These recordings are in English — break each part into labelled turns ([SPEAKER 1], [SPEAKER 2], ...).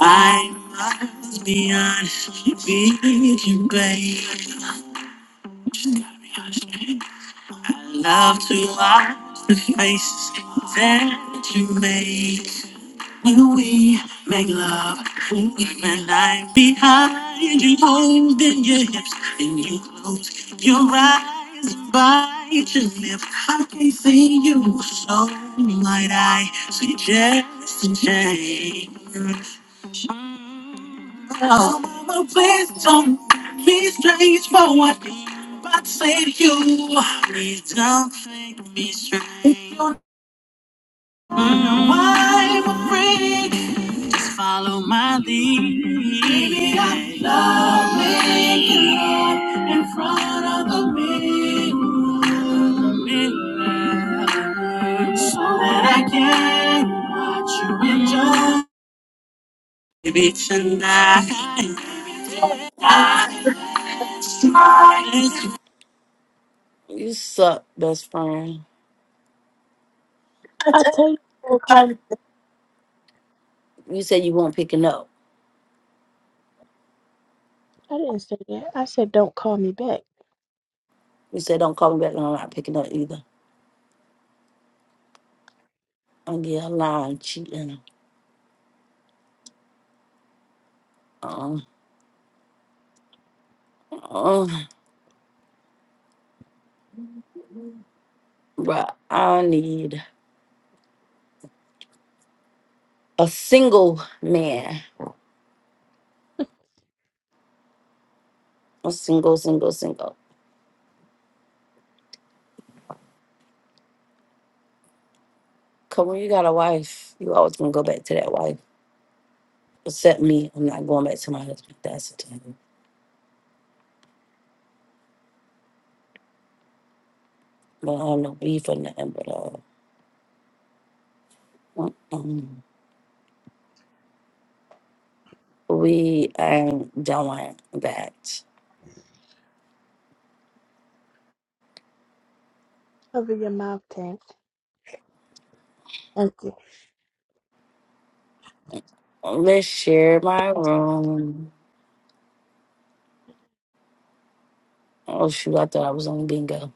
[SPEAKER 1] I must be honest with you, babe. I love to watch the faces that you make when we make love. When I'm behind you, holding your hips, and you close your eyes and bite your lip. I can't see you, so might I suggest a change? Now, mama, please don't be straightforward. But save you. Please don't take me straight. If you don't know why I'm afraid, follow my lead. Baby, I love making love in front of the mirror. Mirror. So that I can watch you enjoy. Baby, tonight. It's fine. I
[SPEAKER 2] I
[SPEAKER 1] tell
[SPEAKER 2] tell you, don't call me.
[SPEAKER 1] everybody. You said you weren't picking up.
[SPEAKER 2] I didn't say that. I said, don't call me back.
[SPEAKER 1] You said don't call me back, and I'm not picking up either. I'm getting lying, cheating. Um, um, but I need a single man, a single, single, single. Cause when you got a wife, you always gonna go back to that wife. Except me, I'm not going back to my husband. That's the thing. But I have no beef or nothing. But uh, mm-mm. we ain't doing that.
[SPEAKER 2] Cover your mouth, Tank. Thank you.
[SPEAKER 1] Let's share my room. Oh shoot, I thought I was on bingo.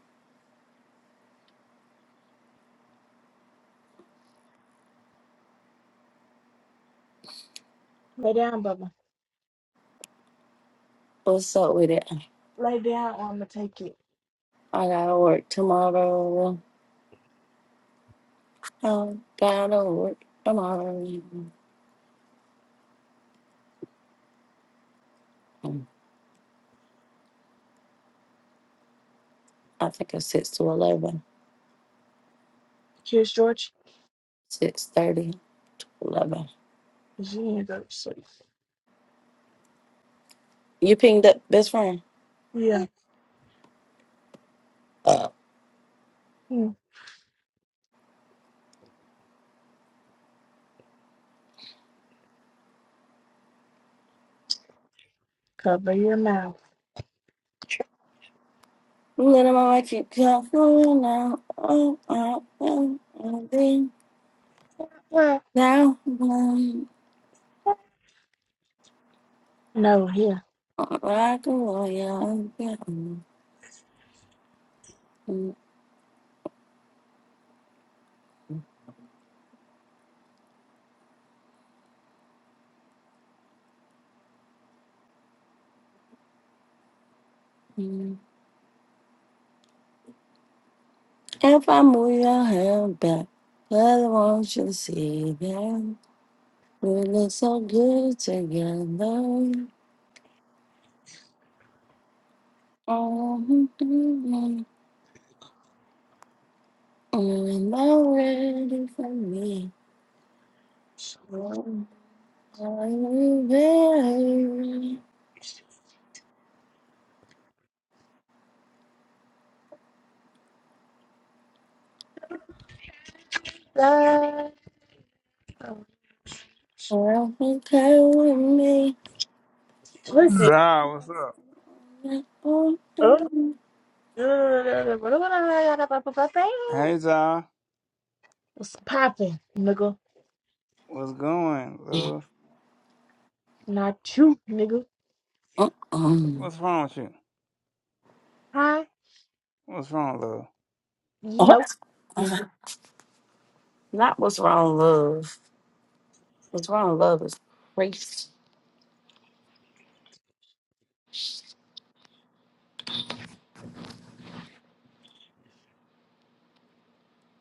[SPEAKER 2] Lay down, Bubba.
[SPEAKER 1] What's up with it?
[SPEAKER 2] Lay down, or I'm going to take it.
[SPEAKER 1] I gotta work tomorrow. I gotta work tomorrow. Mm, I think it's six to eleven.
[SPEAKER 2] Cheers, George.
[SPEAKER 1] Six thirty. Eleven.
[SPEAKER 2] 'Cause You ain't go to sleep.
[SPEAKER 1] You pinged up best friend?
[SPEAKER 2] Yeah.
[SPEAKER 1] Uh
[SPEAKER 2] Hmm. Cover your mouth.
[SPEAKER 1] let him I keep coming now. Oh, oh, oh, oh, then
[SPEAKER 2] Yeah.
[SPEAKER 1] now um,
[SPEAKER 2] No, here.
[SPEAKER 1] rock a royal. If I move your hand back, I want you to see that. We look so good together. Oh, mm, oh, and I'm ready for me. Oh, are you ready?
[SPEAKER 2] Uh,
[SPEAKER 1] Oh, okay with me. Oh,
[SPEAKER 2] Look it.
[SPEAKER 3] Zah, what's up?
[SPEAKER 1] oh,
[SPEAKER 2] Oh.
[SPEAKER 1] oh.
[SPEAKER 3] Hey, Zah,
[SPEAKER 2] What's poppin', nigga?
[SPEAKER 3] what's going, love?
[SPEAKER 2] Not you, nigga.
[SPEAKER 1] Uh-uh.
[SPEAKER 3] What's wrong with you?
[SPEAKER 2] Huh?
[SPEAKER 3] What's wrong, love?
[SPEAKER 2] You
[SPEAKER 1] Oh,
[SPEAKER 2] know,
[SPEAKER 1] uh,
[SPEAKER 2] music.
[SPEAKER 1] Not what's wrong, love. What's wrong, love is crazy.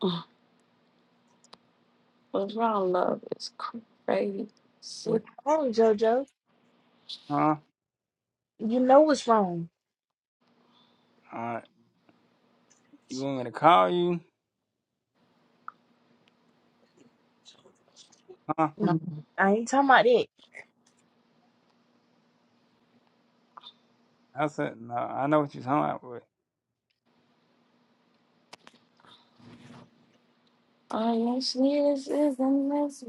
[SPEAKER 1] Uh, What's wrong, love is crazy.
[SPEAKER 2] What's wrong, JoJo?
[SPEAKER 3] Huh?
[SPEAKER 2] You know what's wrong.
[SPEAKER 3] All right, you want me to call you? Huh?
[SPEAKER 2] No,
[SPEAKER 1] Mm.
[SPEAKER 2] I ain't talking about that.
[SPEAKER 3] I said, no, I know what you're talking about,
[SPEAKER 1] Honestly, this is the mess.